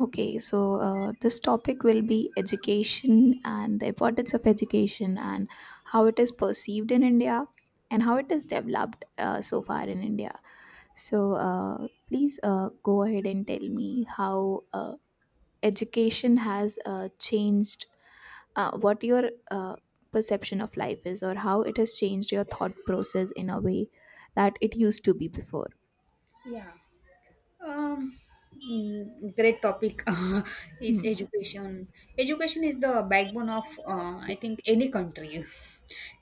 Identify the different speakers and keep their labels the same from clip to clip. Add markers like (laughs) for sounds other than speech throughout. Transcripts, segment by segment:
Speaker 1: Okay, so this topic will be education and the importance of education and how it is perceived in India and how it is developed so far in India. So please go ahead and tell me how education has changed what your perception of life is or how it has changed your thought process in a way that it used to be before.
Speaker 2: Yeah. Um, great topic (laughs) is
Speaker 1: Hmm.
Speaker 2: education. Education is the backbone of, I think, any country.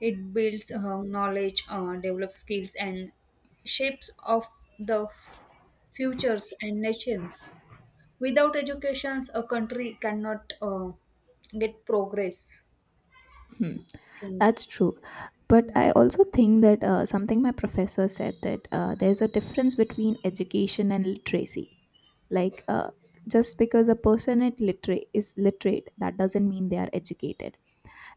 Speaker 2: It builds knowledge, develops skills, and shapes of the futures and nations. Without education, a country cannot get progress.
Speaker 1: Hmm,
Speaker 2: I think.
Speaker 1: that's true. But
Speaker 2: Yeah.
Speaker 1: I also think that something my professor said, that there's a difference between education and literacy. Like, just because a person is literate, that doesn't mean they are educated.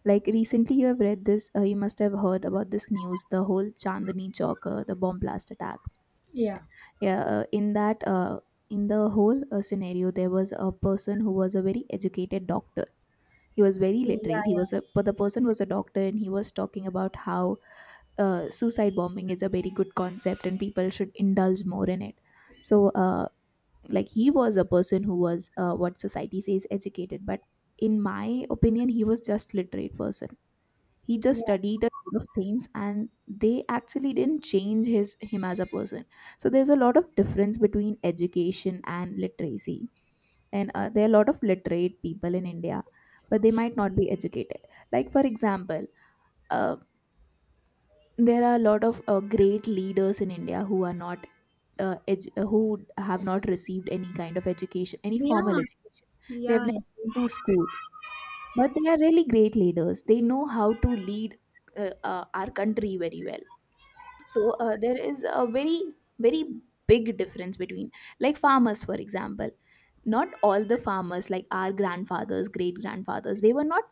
Speaker 1: Like, recently you have read this. You must have heard about this news, the whole Chandni Chowk, the bomb blast attack.
Speaker 2: Yeah.
Speaker 1: Yeah, in that, in the whole scenario, there was a person who was a very educated doctor. He was very
Speaker 2: Yeah.
Speaker 1: literate. He
Speaker 2: Yeah.
Speaker 1: was a But the person was a doctor, and he was talking about how suicide bombing is a very good concept and people should indulge more in it. So like, he was a person who was what society says educated, but in my opinion he was just literate person. He just
Speaker 2: Yeah.
Speaker 1: studied a lot of things, and they actually didn't change his him as a person. So there's a lot of difference between education and literacy. And there are a lot of literate people in India, but they might not be educated. Like, for example, uh, there are a lot of great leaders in India who are not who have not received any kind of education, any
Speaker 2: Yeah.
Speaker 1: formal education. They have
Speaker 2: Yeah.
Speaker 1: never been to school, but they are really great leaders. They know how to lead our country very well. So there is a very, very big difference between, like, farmers, for example. Not all the farmers, like our grandfathers, great grandfathers, they were not,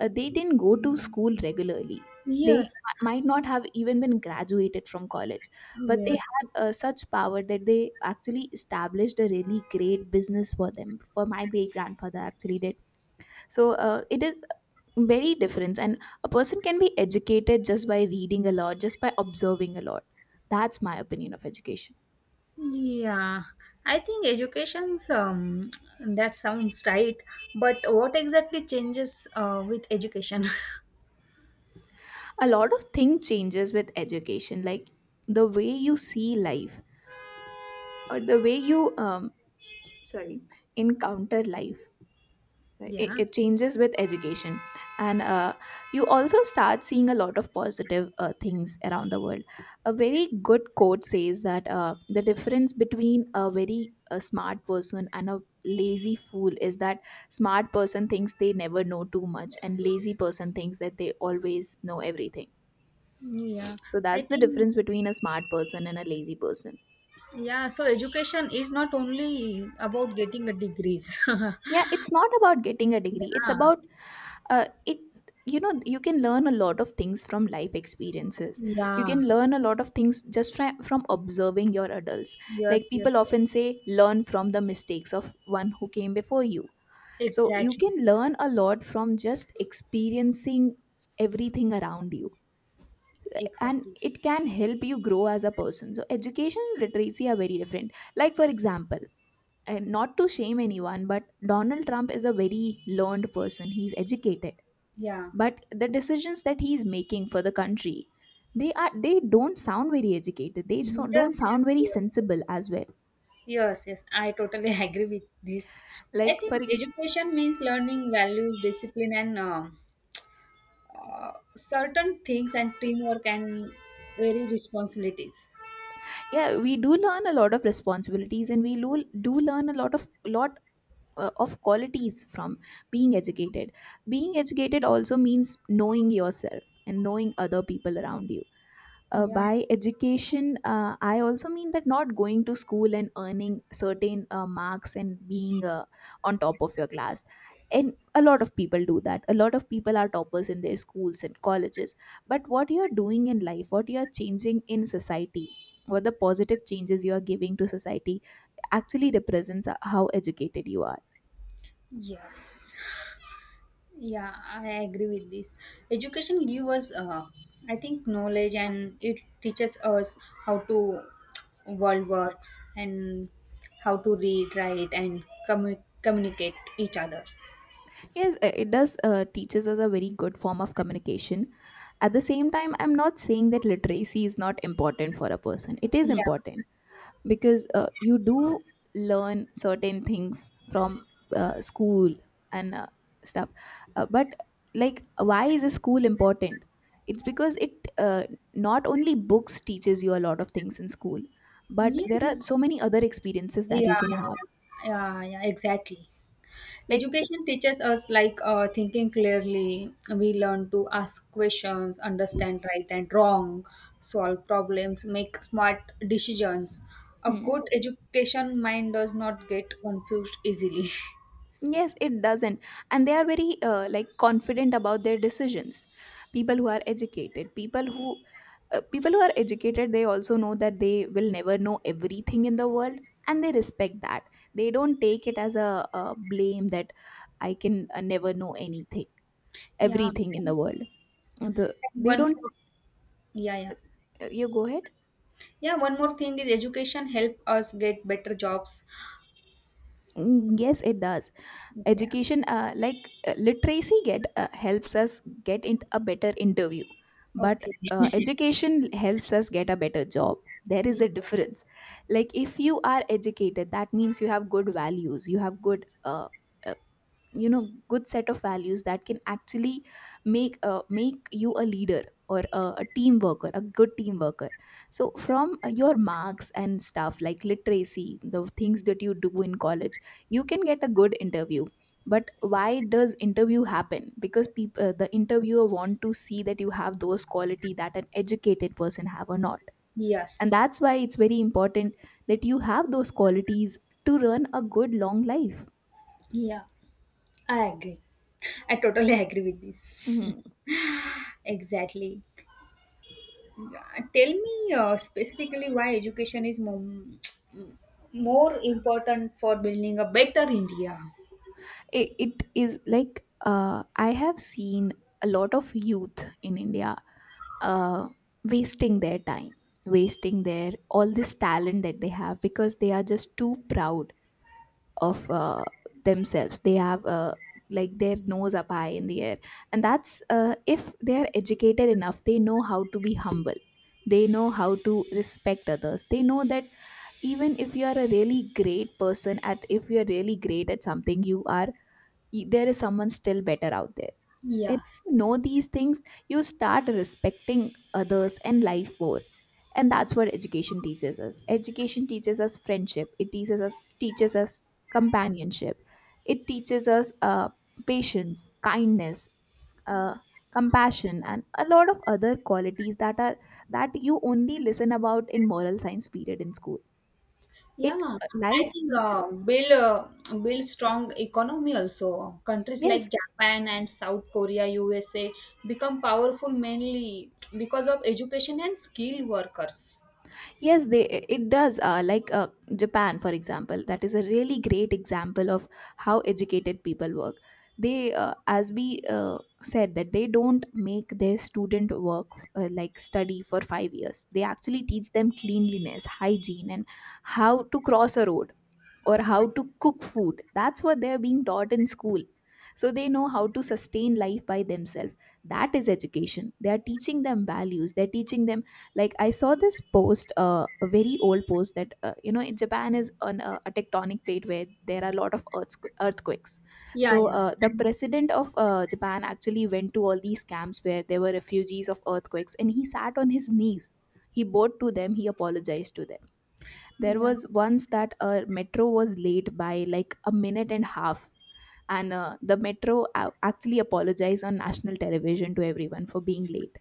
Speaker 1: they didn't go to school regularly.
Speaker 2: Yes.
Speaker 1: Might not have even been graduated from college, but they
Speaker 2: Yes.
Speaker 1: had such power that they actually established a really great business for them. For my great grandfather, actually did. So it is very difference, and a person can be educated just by reading a lot, just by observing a lot. That's my opinion of education.
Speaker 2: Yeah, I think education's (tsk) that sounds right, but what exactly changes with education? (laughs)
Speaker 1: A lot of thing changes with education, like the way you see life, or the way you sorry, encounter life. So it,
Speaker 2: Yeah,
Speaker 1: it changes with education. And you also start seeing a lot of positive things around the world. A very good quote says that the difference between a very smart person and a lazy fool is that smart person thinks they never know too much, and lazy person thinks that they always know everything.
Speaker 2: yeah.
Speaker 1: So
Speaker 2: I
Speaker 1: that's the
Speaker 2: think,
Speaker 1: difference between a smart person and a lazy person.
Speaker 2: yeah, so education is not only about getting a degrees. (laughs)
Speaker 1: Yeah, it's not about getting a degree. It's
Speaker 2: Yeah,
Speaker 1: about it you know you can learn a lot of things from life experiences. You
Speaker 2: yeah.
Speaker 1: can learn a lot of things just from observing your adults. Like,
Speaker 2: Yes, yes,
Speaker 1: people
Speaker 2: yes.
Speaker 1: often say, learn from the mistakes of one who came before you. So you
Speaker 2: Exactly.
Speaker 1: can learn a lot from just experiencing everything around you, and
Speaker 2: Exactly.
Speaker 1: it can help you grow as a person. So education and literacy are very different. Like, for example, and not to shame anyone, but Donald Trump is a very learned person, he's educated.
Speaker 2: Yeah.
Speaker 1: But the decisions that he's making for the country, they don't sound very educated. They
Speaker 2: Yes,
Speaker 1: don't
Speaker 2: yes, yes,
Speaker 1: sound very
Speaker 2: yes,
Speaker 1: sensible
Speaker 2: yes.
Speaker 1: as well.
Speaker 2: Yes, yes, I totally (laughs) agree with this. I
Speaker 1: Like,
Speaker 2: think
Speaker 1: for...
Speaker 2: education means learning values, discipline, and certain things, and teamwork and very responsibilities.
Speaker 1: yeah, we do learn a lot of responsibilities, and do learn a lot of qualities from being educated. Being educated also means knowing yourself and knowing other people around you.
Speaker 2: Yeah,
Speaker 1: By education, I also mean that not going to school and earning certain marks and being on top of your class. And a lot of people do that. A lot of people are toppers in their schools and colleges, but what you're doing in life, what you're changing in society, what the positive changes you are giving to society actually represents how educated you are.
Speaker 2: yes, yeah, I agree with this. Education gives us, I think, knowledge, and it teaches us how to world works and how to read, write, and communicate each other.
Speaker 1: Yes, it does teaches us a very good form of communication. At the same time, I'm not saying that literacy is not important for a person. It is
Speaker 2: Yeah,
Speaker 1: important, because you do learn certain things from school and stuff. But like, why is a school important? It's because it uh, not only books teaches you a lot of things in school, but
Speaker 2: yeah.
Speaker 1: there are so many other experiences that you
Speaker 2: Yeah,
Speaker 1: can have.
Speaker 2: yeah, yeah, exactly.
Speaker 1: Like...
Speaker 2: Education teaches us like thinking clearly. We learn to ask questions, understand right and wrong, solve problems, make smart decisions. A
Speaker 1: hmm.
Speaker 2: good education mind does not get confused easily. (laughs)
Speaker 1: Yes, it doesn't. And they are very like confident about their decisions. People who are educated, people who are educated, they also know that they will never know everything in the world, and they respect that. They don't take it as a blame that I can never know anything,
Speaker 2: Yeah.
Speaker 1: everything in the world. The, they
Speaker 2: One
Speaker 1: don't,
Speaker 2: more, yeah, yeah.
Speaker 1: You go ahead.
Speaker 2: Yeah, one more thing is education help us get better jobs.
Speaker 1: Mm. Yes, it does.
Speaker 2: Yeah.
Speaker 1: Education like literacy get helps us get in a better interview, but
Speaker 2: Okay. (laughs)
Speaker 1: education helps us get a better job. There is a difference. Like, if you are educated, that means you have good values. You have good uh, you know good set of values that can actually make you a leader, or a team worker, a good team worker. So from your marks and stuff, like literacy, the things that you do in college, you can get a good interview. But why does interview happen? Because people the interviewer want to see that you have those quality that an educated person have or not. And
Speaker 2: Yes.
Speaker 1: that's why it's very important that you have those qualities to run a good long life.
Speaker 2: Yeah. I agree. I totally (laughs) agree with this.
Speaker 1: Mhm.
Speaker 2: (laughs) Exactly. Tell me specifically why education is more important for building a better India.
Speaker 1: It is like, I have seen a lot of youth in India, uh, wasting their time, wasting their all this talent that they have, because they are just too proud of themselves. They have like their nose up high in the air. And that's if they are educated enough, they know how to be humble. They know how to respect others. They know that even if you are a really great person at if you are really great at something, there is someone still better out there. And you know,
Speaker 2: Yes.
Speaker 1: these things, you start respecting others and life more. And that's what education teaches us. Education teaches us friendship. It teaches us companionship. It teaches us patience, kindness, uh, compassion, and a lot of other qualities that you only listen about in moral science period in school.
Speaker 2: Yeah,
Speaker 1: It
Speaker 2: I
Speaker 1: Life
Speaker 2: think
Speaker 1: teaches.
Speaker 2: build strong economy also. Countries like
Speaker 1: Yes.
Speaker 2: Japan and South Korea, USA become powerful mainly because of education and skilled workers.
Speaker 1: Yes, they it does. Like, Japan, for example, that is a really great example of how educated people work. As we said, that they don't make their student work, like study for 5 years. They actually teach them cleanliness, hygiene, and how to cross a road, or how to cook food. That's what they're being taught in school. So they know how to sustain life by themselves. That is education. They are teaching them values. They're teaching them, like, I saw this post, a very old post that in Japan is on a tectonic plate where there are a lot of earthquakes.
Speaker 2: Yeah,
Speaker 1: So
Speaker 2: yeah. I
Speaker 1: the
Speaker 2: know.
Speaker 1: president of Japan actually went to all these camps where there were refugees of earthquakes, and he sat on his knees. He bowed to them. He apologized to them. There
Speaker 2: Yeah.
Speaker 1: was once that a metro was late by like a minute and a half, and the metro actually apologized on national television to everyone for being late.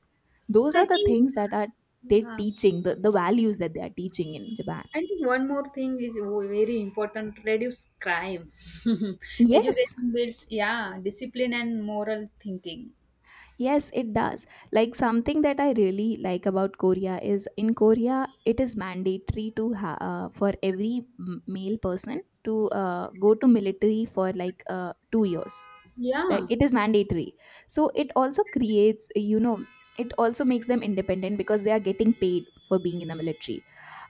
Speaker 1: Those are
Speaker 2: I
Speaker 1: the
Speaker 2: think,
Speaker 1: things that are— they're
Speaker 2: yeah.
Speaker 1: teaching the values that they are teaching in Japan.
Speaker 2: I think one more thing is very important reduce crime. (laughs)
Speaker 1: Yes.
Speaker 2: Education builds, yeah, discipline and moral thinking.
Speaker 1: Yes, it does. Like something that I really like about Korea is in Korea it is mandatory for every male person to go to military for like 2 years.
Speaker 2: Yeah,
Speaker 1: Like it is mandatory. So it also creates. It also makes them independent because they are getting paid for being in the military,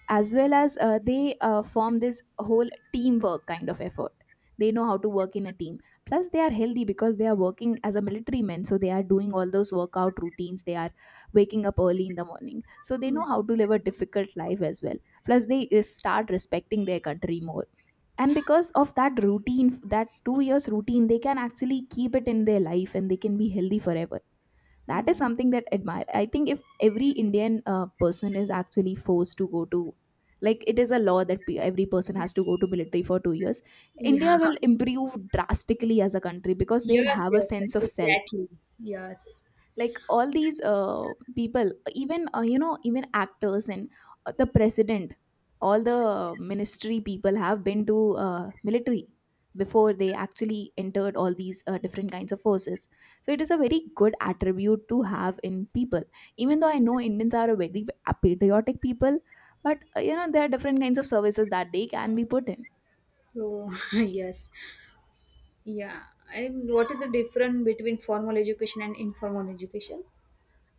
Speaker 1: as well as they form this whole teamwork kind of effort. They know how to work in a team. Plus, they are healthy because they are working as a military men, so they are doing all those workout routines. They are waking up early in the morning, so they know how to live a difficult life as well. Plus, they start respecting their country more. And because of that routine, that 2 years routine, they can actually keep it in their life, and they can be healthy forever. That is
Speaker 2: yeah.
Speaker 1: something that admire. I think if every Indian person is actually forced to go to— like it is a law that every person has to go to military for 2 years,
Speaker 2: Yeah,
Speaker 1: India will improve drastically as a country,
Speaker 2: (laughs)
Speaker 1: because they'll
Speaker 2: yes,
Speaker 1: have a
Speaker 2: yes,
Speaker 1: sense of—
Speaker 2: exactly. Yes,
Speaker 1: like all these people, even even actors and the president, all the ministry people have been to military before they actually entered all these different kinds of forces. So it is a very good attribute to have in people. Even though I know Indians are a very patriotic people, but there are different kinds of services that they can be put in.
Speaker 2: so, (laughs) yes, yeah. And what is the difference between formal education and informal education?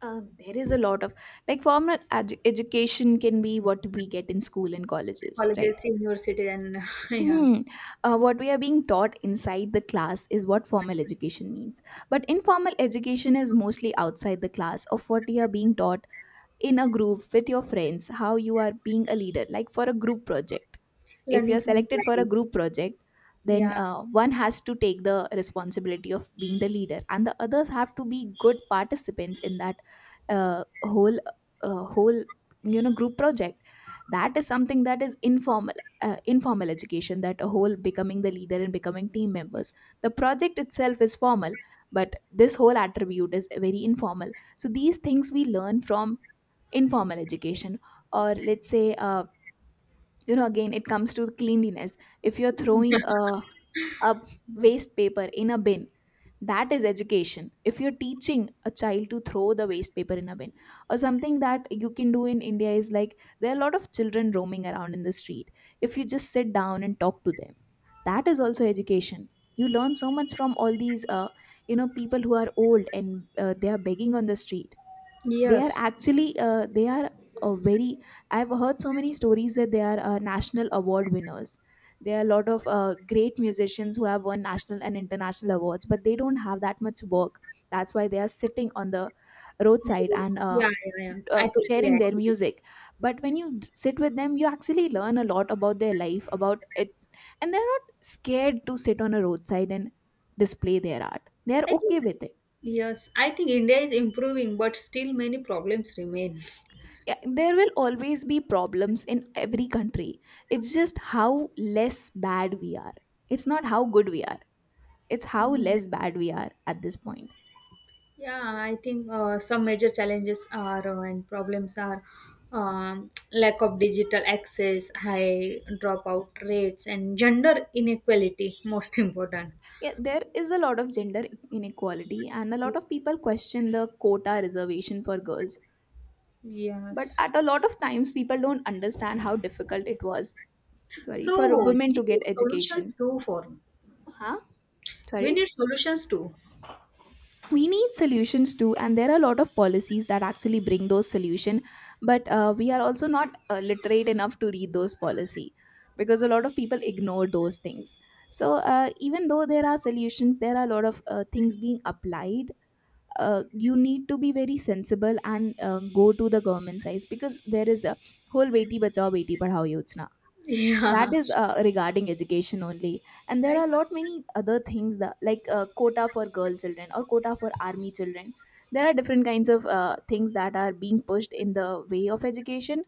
Speaker 1: There is a lot of— like formal education can be what we get in school and colleges, right?
Speaker 2: Colleges, university, and (laughs) yeah,
Speaker 1: Hmm. What we are being taught inside the class is what formal education means. But informal education is mostly outside the class of what you are being taught in a group with your friends, how you are being a leader, like for a group project. If
Speaker 2: learning
Speaker 1: you're
Speaker 2: from
Speaker 1: selected for a
Speaker 2: life.
Speaker 1: group project, then
Speaker 2: Yeah,
Speaker 1: one has to take the responsibility of being the leader and the others have to be good participants in that uh, whole whole group project. That is something that is informal, informal education, that a whole becoming the leader and becoming team members. The project itself is formal, but this whole attribute is very informal, so these things we learn from informal education. Or let's say, again it comes to cleanliness. If you're throwing a
Speaker 2: yeah.
Speaker 1: waste paper in a bin, that is education. If you're teaching a child to throw the waste paper in a bin, or something that you can do in India is like there are a lot of children roaming around in the street. If you just sit down and talk to them, that is also education. You learn so much from all these people who are old and they are begging on the street. They are
Speaker 2: Yes,
Speaker 1: actually, they are a very— I've heard so many stories that they are national award winners. There are a lot of great musicians who have won national and international awards, but they don't have that much work. That's why they are sitting on the roadside and
Speaker 2: yeah, yeah, yeah. I totally
Speaker 1: sharing their
Speaker 2: agree.
Speaker 1: music. But when you sit with them, you actually learn a lot about their life, about it. And they're not scared to sit on a roadside and display their art. They're
Speaker 2: I
Speaker 1: okay
Speaker 2: think,
Speaker 1: with it.
Speaker 2: yes, I think India is improving, but still many problems remain.
Speaker 1: Yeah, there will always be problems in every country. It's just how less bad we are. It's not how good we are. It's how
Speaker 2: Yeah,
Speaker 1: less bad we are at this point.
Speaker 2: yeah, I think some major challenges are and problems are lack of digital access, high dropout rates, and gender inequality. Most important.
Speaker 1: Yeah, there is a lot of gender inequality, and a lot of people question the quota reservation for girls. But
Speaker 2: Yes.
Speaker 1: at a lot of times, people don't understand how difficult it was. Sorry, for
Speaker 2: So we
Speaker 1: women to
Speaker 2: need
Speaker 1: get
Speaker 2: solutions
Speaker 1: education.
Speaker 2: too. For
Speaker 1: Huh?
Speaker 2: we
Speaker 1: Sorry?
Speaker 2: need solutions too. (laughs)
Speaker 1: We need solutions too, and there are a lot of policies that actually bring those solution. But we are also not literate enough to read those policy, because a lot of people ignore those things. So even though there are solutions, there are a lot of things being applied. You need to be very sensible and go to the government size, because there is a whole beti bachao beti padhao yojana that
Speaker 2: Yeah.
Speaker 1: is regarding education only. And there
Speaker 2: I,
Speaker 1: are a lot many other things that, like quota for girl children or quota for army children. There are different kinds of things that are being pushed in the way of education.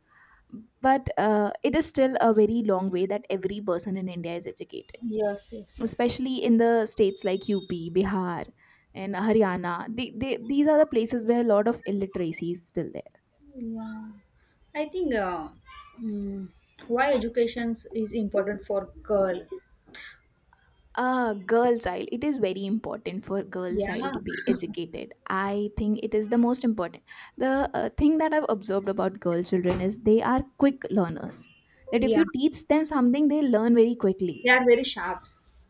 Speaker 1: But it is still a very long way that every person in India is educated,
Speaker 2: yes. Yes. Yes.
Speaker 1: especially in the states like UP, Bihar, and Haryana. These are the places where a lot of illiteracy is still there.
Speaker 2: Yeah, I think mm, why education is important for girl.
Speaker 1: Girl child, it is very important for girl child
Speaker 2: Yeah,
Speaker 1: to be educated. I think it is the most important. The thing that I've observed about girl children is they are quick learners, that if
Speaker 2: yeah,
Speaker 1: you teach them something, they learn very quickly.
Speaker 2: they are very sharp.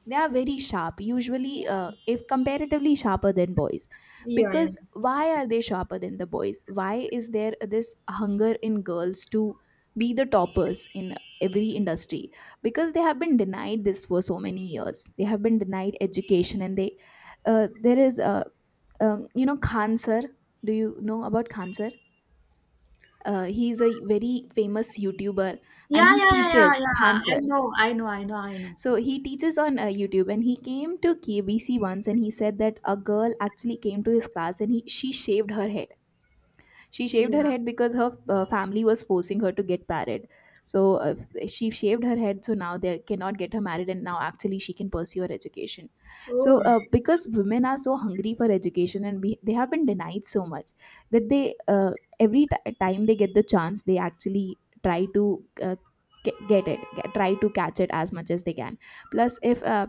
Speaker 1: They are very sharp, usually,
Speaker 2: Yeah,
Speaker 1: if comparatively sharper than boys.
Speaker 2: yeah, yeah,
Speaker 1: Because why are they sharper than the boys? Why is there this hunger in girls to be the toppers in every industry? Because they have been denied this for so many years. They have been denied education, and they— there is a, you know, Khan Sir— do you know about Khan Sir? He is a very famous YouTuber, and
Speaker 2: yeah,
Speaker 1: he
Speaker 2: yeah, yeah, yeah.
Speaker 1: teaches,
Speaker 2: Yeah.
Speaker 1: Khan
Speaker 2: I
Speaker 1: Sir.
Speaker 2: know, I know, I know, I know.
Speaker 1: So he teaches on YouTube, and he came to KBC once, and he said that a girl actually came to his class, and he she shaved her hair. She shaved her
Speaker 2: Yeah.
Speaker 1: head because her family was forcing her to get married. So she shaved her head, so now they cannot get her married, and now actually she can pursue her education. So
Speaker 2: Oh,
Speaker 1: because women are so hungry for education, and they have been denied so much that they— every time they get the chance, they actually try to. Uh, try to catch it as much as they can. Plus if uh,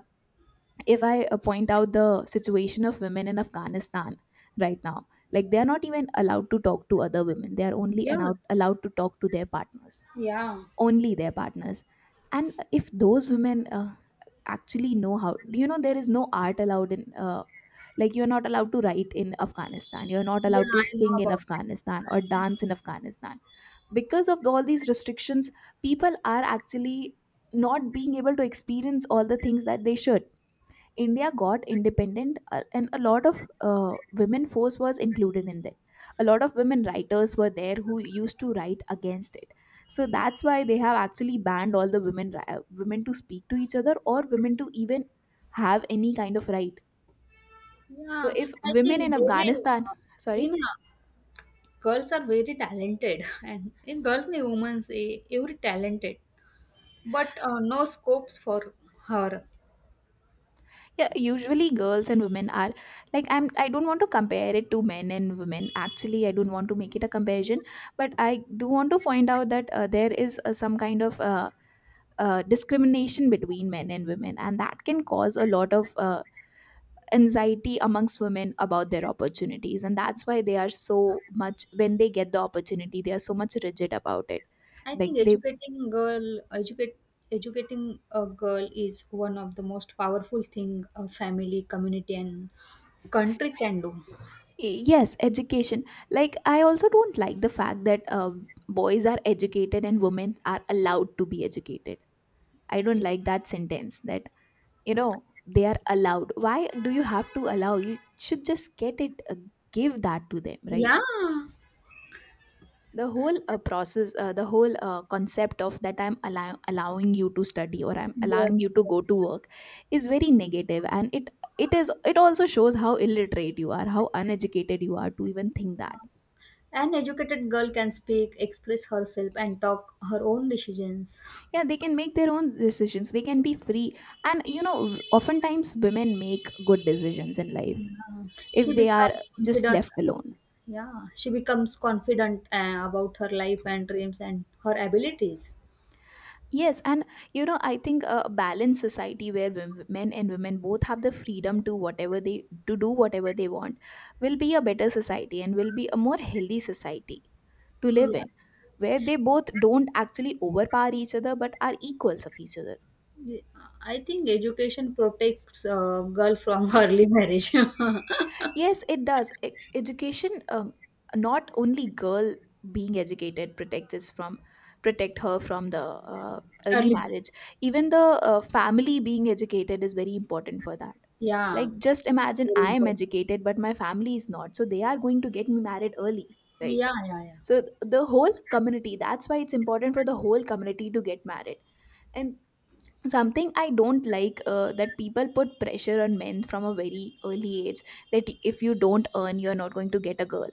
Speaker 1: if I point out the situation of women in Afghanistan right now, like they are not even allowed to talk to other women. They are only allowed
Speaker 2: yes.
Speaker 1: allowed to talk to their partners,
Speaker 2: Yeah,
Speaker 1: only their partners. And if those women actually know how, there is no art allowed in. Like you're not allowed to write in Afghanistan, you're not
Speaker 2: yeah,
Speaker 1: allowed to
Speaker 2: I know
Speaker 1: sing in
Speaker 2: about that.
Speaker 1: Afghanistan or dance in Afghanistan. Because of all these restrictions, people are actually not being able to experience all the things that they should. India got independent, and a lot of women force was included in that. A lot of women writers were there who used to write against it. So that's why they have actually banned all the women women to speak to each other, or women to even have any kind of right. So
Speaker 2: Yeah,
Speaker 1: if
Speaker 2: I
Speaker 1: women in
Speaker 2: think very
Speaker 1: Afghanistan,
Speaker 2: uh, in
Speaker 1: sorry—
Speaker 2: girls are very talented, (laughs) and in girls and women every talented, but no scopes for her.
Speaker 1: yeah, usually girls and women are— like, I'm— I don't want to compare it to men and women. Actually, I don't want to make it a comparison, but I do want to point out that there is some kind of discrimination between men and women, and that can cause a lot of anxiety amongst women about their opportunities. And that's why they are so much— when they get the opportunity, they are so much rigid about it.
Speaker 2: I
Speaker 1: Like
Speaker 2: think
Speaker 1: they—
Speaker 2: educating a girl is one of the most powerful thing a family, community, and country can do.
Speaker 1: yes, education. Like, I also don't like the fact that boys are educated and women are allowed to be educated. I don't like that sentence that, you know, they are allowed. Why do you have to allow? You should just get it. Give that to them, right?
Speaker 2: Yeah.
Speaker 1: The whole process, the whole concept of that, I'm allowing you to study or I'm allowing you
Speaker 2: Yes.
Speaker 1: to go
Speaker 2: Yes.
Speaker 1: to work, is very negative. And it also shows how illiterate you are, how uneducated you are to even think that.
Speaker 2: An educated girl can speak, express herself, and talk her own decisions.
Speaker 1: Yeah, they can make their own decisions. They can be free. And, oftentimes women make good decisions in life
Speaker 2: Yeah. She
Speaker 1: if they are
Speaker 2: becomes
Speaker 1: just
Speaker 2: confident.
Speaker 1: left alone.
Speaker 2: Yeah, she becomes confident about her life and dreams and her abilities.
Speaker 1: Yes. And, I think a balanced society where men and women both have the freedom to do whatever they want will be a better society and will be a more healthy society to live in, where they both don't actually overpower each other but are equals of each other.
Speaker 2: Yeah, I think education protects a girl from (laughs) early marriage. (laughs)
Speaker 1: Yes, it does. Education, not only girl being educated protect her from the early
Speaker 2: Early,
Speaker 1: marriage. Even the family being educated is very important for that.
Speaker 2: yeah,
Speaker 1: Like, just imagine
Speaker 2: very
Speaker 1: I am
Speaker 2: important.
Speaker 1: educated, but my family is not, so they are going to get me married early, right?
Speaker 2: Yeah, yeah, yeah,
Speaker 1: So the whole community. That's why it's important for the whole community to get married. And something I don't like that people put pressure on men from a very early age that if you don't earn you're not going to get a girl.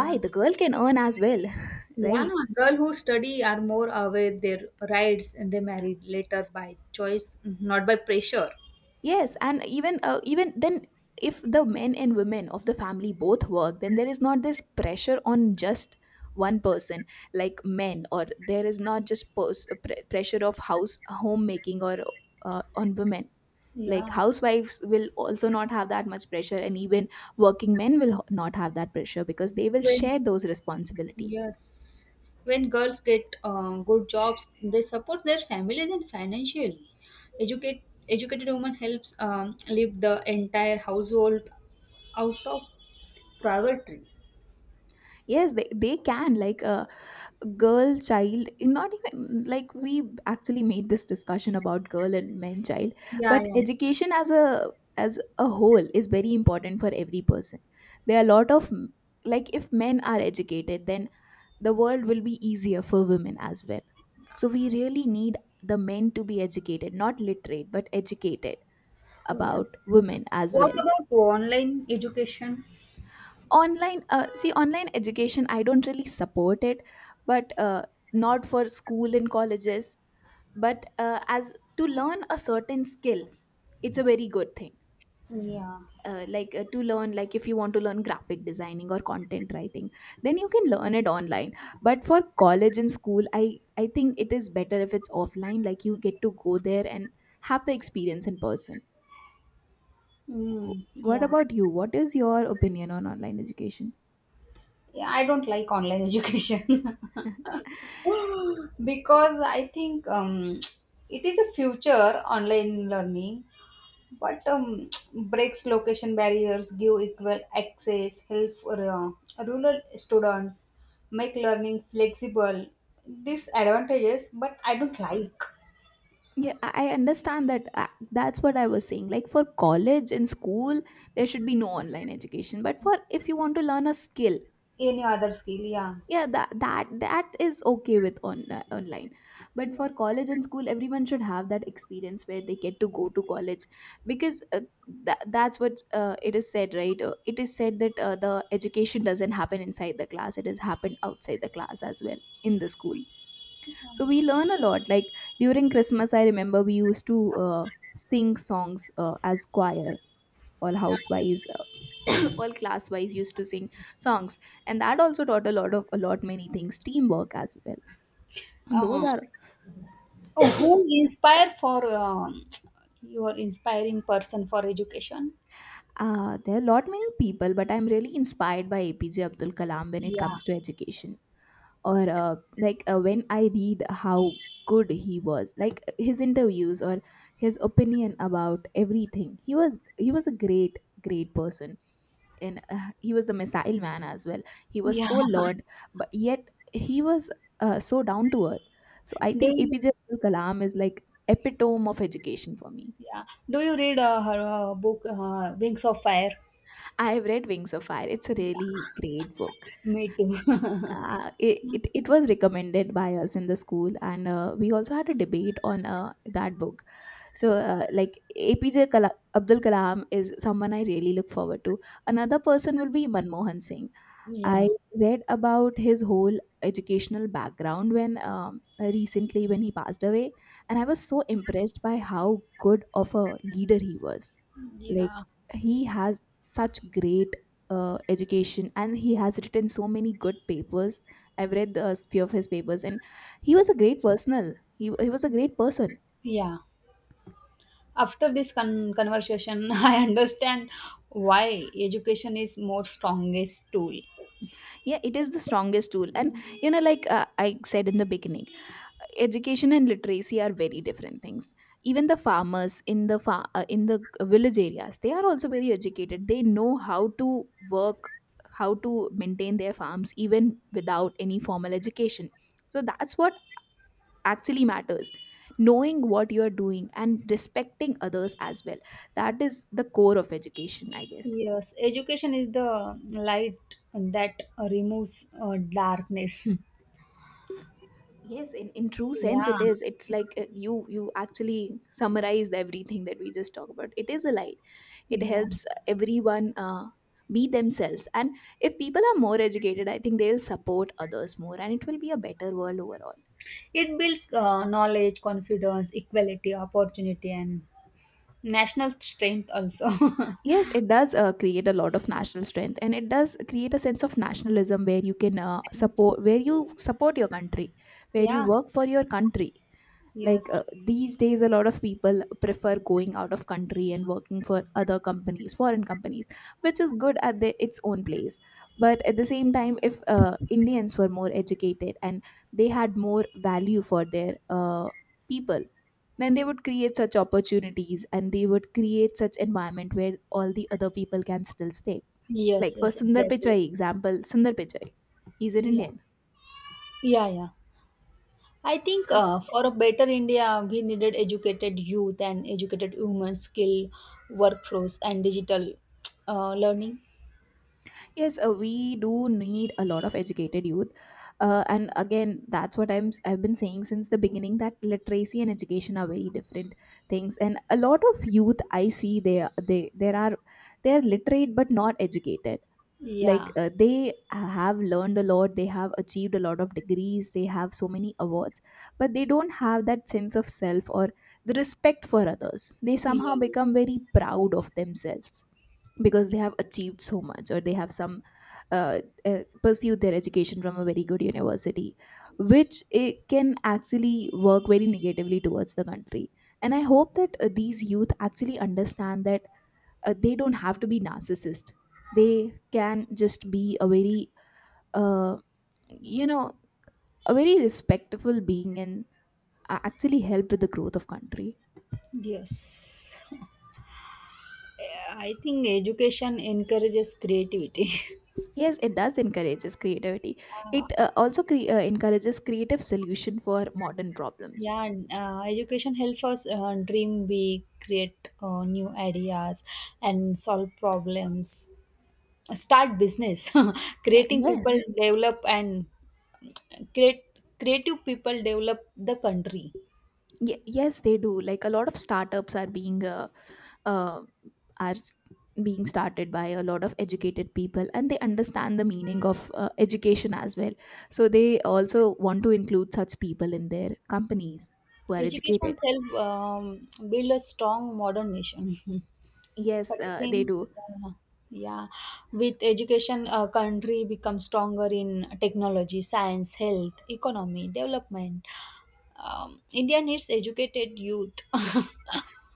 Speaker 1: Why the girl can earn as well? (laughs)
Speaker 2: yeah.
Speaker 1: Right?
Speaker 2: Girl who study are more aware their rights, and they marry later by choice, not by pressure.
Speaker 1: Yes, and even even then, if the men and women of the family both work, then there is not this pressure on just one person like men, or there is not just pressure of house homemaking or on women. Like
Speaker 2: Yeah,
Speaker 1: housewives will also not have that much pressure, and even working men will not have that pressure because they will
Speaker 2: when
Speaker 1: share those responsibilities.
Speaker 2: yes, when girls get good jobs, they support their families and financially. Educated woman helps lift the entire household out of privately.
Speaker 1: Yes, they can. Like a girl child, not even, like, we actually made this discussion about girl and men child,
Speaker 2: Yeah,
Speaker 1: but
Speaker 2: yeah.
Speaker 1: education as a whole is very important for every person. There are a lot of, like, if men are educated, then the world will be easier for women as well. So we really need the men to be educated, not literate, but educated
Speaker 2: Oh,
Speaker 1: about
Speaker 2: yes.
Speaker 1: women as
Speaker 2: What
Speaker 1: well.
Speaker 2: about online education?
Speaker 1: Online, see, online education, I don't really support it, but not for school and colleges, but as to learn a certain skill, it's a very good thing.
Speaker 2: Yeah.
Speaker 1: To learn, like, if you want to learn graphic designing or content writing, then you can learn it online. But for college and school, I think it is better if it's offline, like you get to go there and have the experience in person. W-
Speaker 2: Mm,
Speaker 1: what
Speaker 2: yeah.
Speaker 1: about you? What is your opinion on online education?
Speaker 2: Yeah, I don't like online education (gasps) (laughs) because I think it is a future online learning, but (tsk) breaks location barriers, give equal access, help for, rural students, make learning flexible. These advantages, but I don't like
Speaker 1: Yeah, I understand that that's what I was saying, like for college and school there should be no online education, but for, if you want to learn a skill,
Speaker 2: any other skill. Yeah.
Speaker 1: yeah, that is okay with on online. But for college and school, everyone should have that experience where they get to go to college, because that's what it is said, right? It is said that the education doesn't happen inside the class, it has happened outside the class as well, in the school. So we learn a lot. Like, during Christmas, I remember we used to sing songs as choir. All
Speaker 2: Yeah.
Speaker 1: housewives, all class wise, used to sing songs, and that also taught a lot of a lot many things, teamwork as well. Those
Speaker 2: Uh,
Speaker 1: are,
Speaker 2: oh, who inspire for (tsk) your inspiring person for education?
Speaker 1: there are a lot many people, but I'm really inspired by APJ Abdul Kalam when it
Speaker 2: Yeah.
Speaker 1: comes to education. Or like When I read how good he was, like his interviews or his opinion about everything. He was, he was a great great person. In He was the missile man as well. He was
Speaker 2: Yeah.
Speaker 1: so
Speaker 2: (laughs)
Speaker 1: learned, but yet he was so down to earth. So I
Speaker 2: Do
Speaker 1: think
Speaker 2: you?
Speaker 1: APJ Abdul Kalam is like epitome of education for me.
Speaker 2: Yeah. Do you read her book Wings of Fire?
Speaker 1: I have read Wings of Fire. It's a really
Speaker 2: Yeah.
Speaker 1: great book.
Speaker 2: Me too. (laughs)
Speaker 1: It, it, it was recommended by us in the school, and we also had a debate on that book. So like, Abdul Kalam is someone I really look forward to. Another person will be Manmohan Singh. I
Speaker 2: Yeah.
Speaker 1: read about his whole educational background when recently, when he passed away, and I was so impressed by how good of a leader he was. Like,
Speaker 2: Yeah.
Speaker 1: he has such great education, and he has written so many good papers. I've read a few of his papers, and he was a great personal. He was a great person.
Speaker 2: Yeah. After this conversation, (laughs) I understand why education is more strongest tool.
Speaker 1: Yeah, it is the strongest tool, and you know, like I said in the beginning, education and literacy are very different things. Even the farmers in the in the village areas, they are also very educated. They know how to work, how to maintain their farms even without any formal education. So that's what actually matters: knowing what you are doing and respecting others as well. That is the core of education, I guess.
Speaker 2: Yes, education is the light that removes darkness. (laughs)
Speaker 1: Yes, in true sense,
Speaker 2: Yeah,
Speaker 1: it is. It's like, you you actually summarized everything that we just talked about. It is a light. It
Speaker 2: yeah.
Speaker 1: helps everyone be themselves, and if people are more educated, I think they'll support others more, and it will be a better world overall.
Speaker 2: It builds knowledge, confidence, equality, opportunity, and national strength also.
Speaker 1: Yes,
Speaker 2: (laughs)
Speaker 1: it does create a lot of national strength, and it does create a sense of nationalism where you can
Speaker 2: And
Speaker 1: support where you support your country, where you
Speaker 2: yeah,
Speaker 1: work for your country.
Speaker 2: yes,
Speaker 1: Like these days, a lot of people prefer going out of country and working for other companies, foreign companies, which is good at the, its own place. But at the same time, if Indians were more educated and they had more value for their people, then they would create such opportunities and they would create such environment where all the other people can still stay.
Speaker 2: yes,
Speaker 1: Like, for
Speaker 2: yes,
Speaker 1: Sundar Pichai,
Speaker 2: exactly.
Speaker 1: example, Sundar Pichai, he's an
Speaker 2: Yeah,
Speaker 1: Indian.
Speaker 2: yeah, yeah. I think for a better India, we needed educated youth and educated women, skill, workforce, and digital learning.
Speaker 1: Yes, we do need a lot of educated youth, and again, that's what I've been saying since the beginning, that literacy and education are very different things. And a lot of youth I see, they are- they there are they are literate but not educated. Like
Speaker 2: Yeah,
Speaker 1: they have learned a lot, they have achieved a lot of degrees, they have so many awards, but they don't have that sense of self or the respect for others. They somehow
Speaker 2: yeah,
Speaker 1: become very proud of themselves because they have achieved so much, or they have some uh, pursued their education from a very good university, which it can actually work very negatively towards the country. And I hope that these youth actually understand that they don't have to be narcissist. They can just be a very uh, you know a very respectful being, and actually help with the growth of country.
Speaker 2: yes. I think education encourages creativity.
Speaker 1: Yes, it does encourages creativity. It uh,
Speaker 2: (laughs)
Speaker 1: also cre- uh, encourages creative solution for modern problems.
Speaker 2: Yeah, and education helps us dream big, create new ideas, and solve problems. Start business. (laughs) Creating
Speaker 1: Yes,
Speaker 2: people develop and create creative people develop the country.
Speaker 1: Yes, they do. Like, a lot of startups are being uh, are s- being started by a lot of educated people, and they understand the meaning of education as well. So they also want to include such people in their companies who are
Speaker 2: Education
Speaker 1: educated.
Speaker 2: self build a strong modern nation. (laughs) But
Speaker 1: Yes,
Speaker 2: I
Speaker 1: they
Speaker 2: think,
Speaker 1: do.
Speaker 2: yeah, yeah. With education, a country becomes stronger in technology, science, health, economy, development. India needs educated youth. (laughs)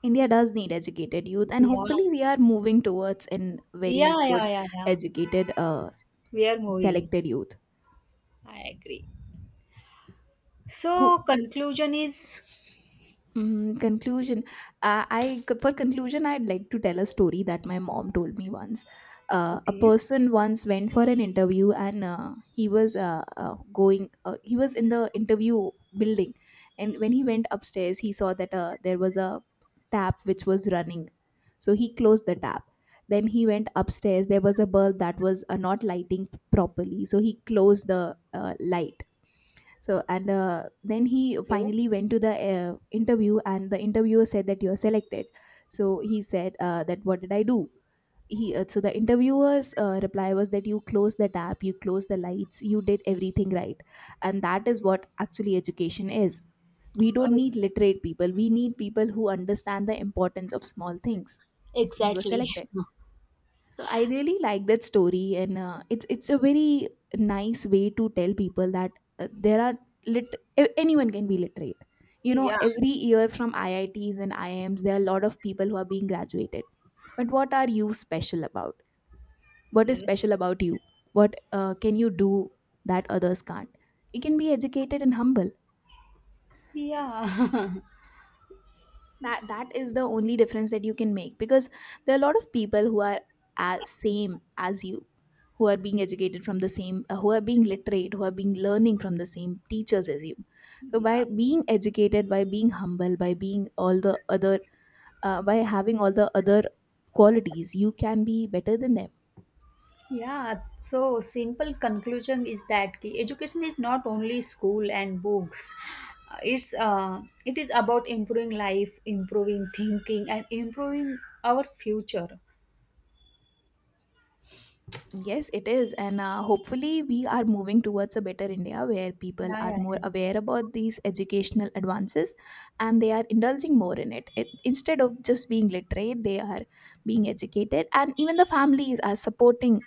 Speaker 1: India does need educated youth, and
Speaker 2: Yeah,
Speaker 1: hopefully, we are moving towards in very
Speaker 2: yeah, yeah,
Speaker 1: good,
Speaker 2: yeah, yeah.
Speaker 1: educated,
Speaker 2: We are moving.
Speaker 1: selected youth
Speaker 2: I agree.
Speaker 1: who,
Speaker 2: So conclusion is
Speaker 1: mm, conclusion. I For conclusion, I'd like to tell a story that my mom told me once. A
Speaker 2: okay.
Speaker 1: person once went for an interview, and he was going. He was in the interview building, and when he went upstairs, he saw that there was a tap which was running. So he closed the tap. Then he went upstairs. There was a bulb that was not lighting properly, so he closed the light. So, and then he
Speaker 2: Okay.
Speaker 1: finally went to the interview, and the interviewer said that you are selected. So he said that what did I do? He so the interviewer's reply was that you closed the tap, you closed the lights, you did everything right, and that is what actually education is. We
Speaker 2: Uh,
Speaker 1: don't need literate people. We need people who understand the importance of small things. He was
Speaker 2: exactly.
Speaker 1: selected.
Speaker 2: (laughs)
Speaker 1: So I really like that story, and it's a very nice way to tell people that there are anyone can be literate. You know,
Speaker 2: Yeah.
Speaker 1: every year from IITs and IIMs, there are a lot of people who are being graduated. But what are you special about? What is special about you? What can you do that others can't? You can be educated and humble.
Speaker 2: Yeah.
Speaker 1: That is the only difference that you can make, because there are a lot of people who are as same as you, who are being educated from the same who are being literate, who are being learning from the same teachers as you. So by
Speaker 2: (laughs) Yeah.
Speaker 1: being educated, by being humble, by being all the other by having all the other qualities, you can be better than them.
Speaker 2: Yeah, so simple conclusion is that ki education is not only school and books. It is about improving life, improving thinking, and improving our future.
Speaker 1: Yes, it is. And hopefully, we are moving towards a better India where people
Speaker 2: Yeah,
Speaker 1: are
Speaker 2: yeah.
Speaker 1: more aware about these educational advances, and they are indulging more in it. Instead of just being literate, they are being educated. And even the families are supporting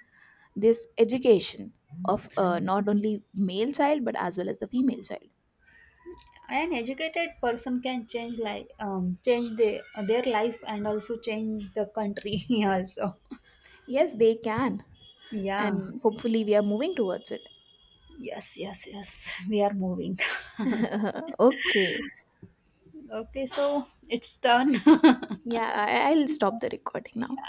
Speaker 1: this education of not only male child but as well as the female child.
Speaker 2: Yeah. An educated person can change life, change their life, and also change the country (laughs) also.
Speaker 1: Yes, they can.
Speaker 2: Yeah.
Speaker 1: And hopefully, we are moving towards it.
Speaker 2: Yes, yes, yes. We are moving. (laughs)
Speaker 1: (laughs) Okay.
Speaker 2: Okay, so it's done. (laughs)
Speaker 1: Yeah, I'll stop the recording now.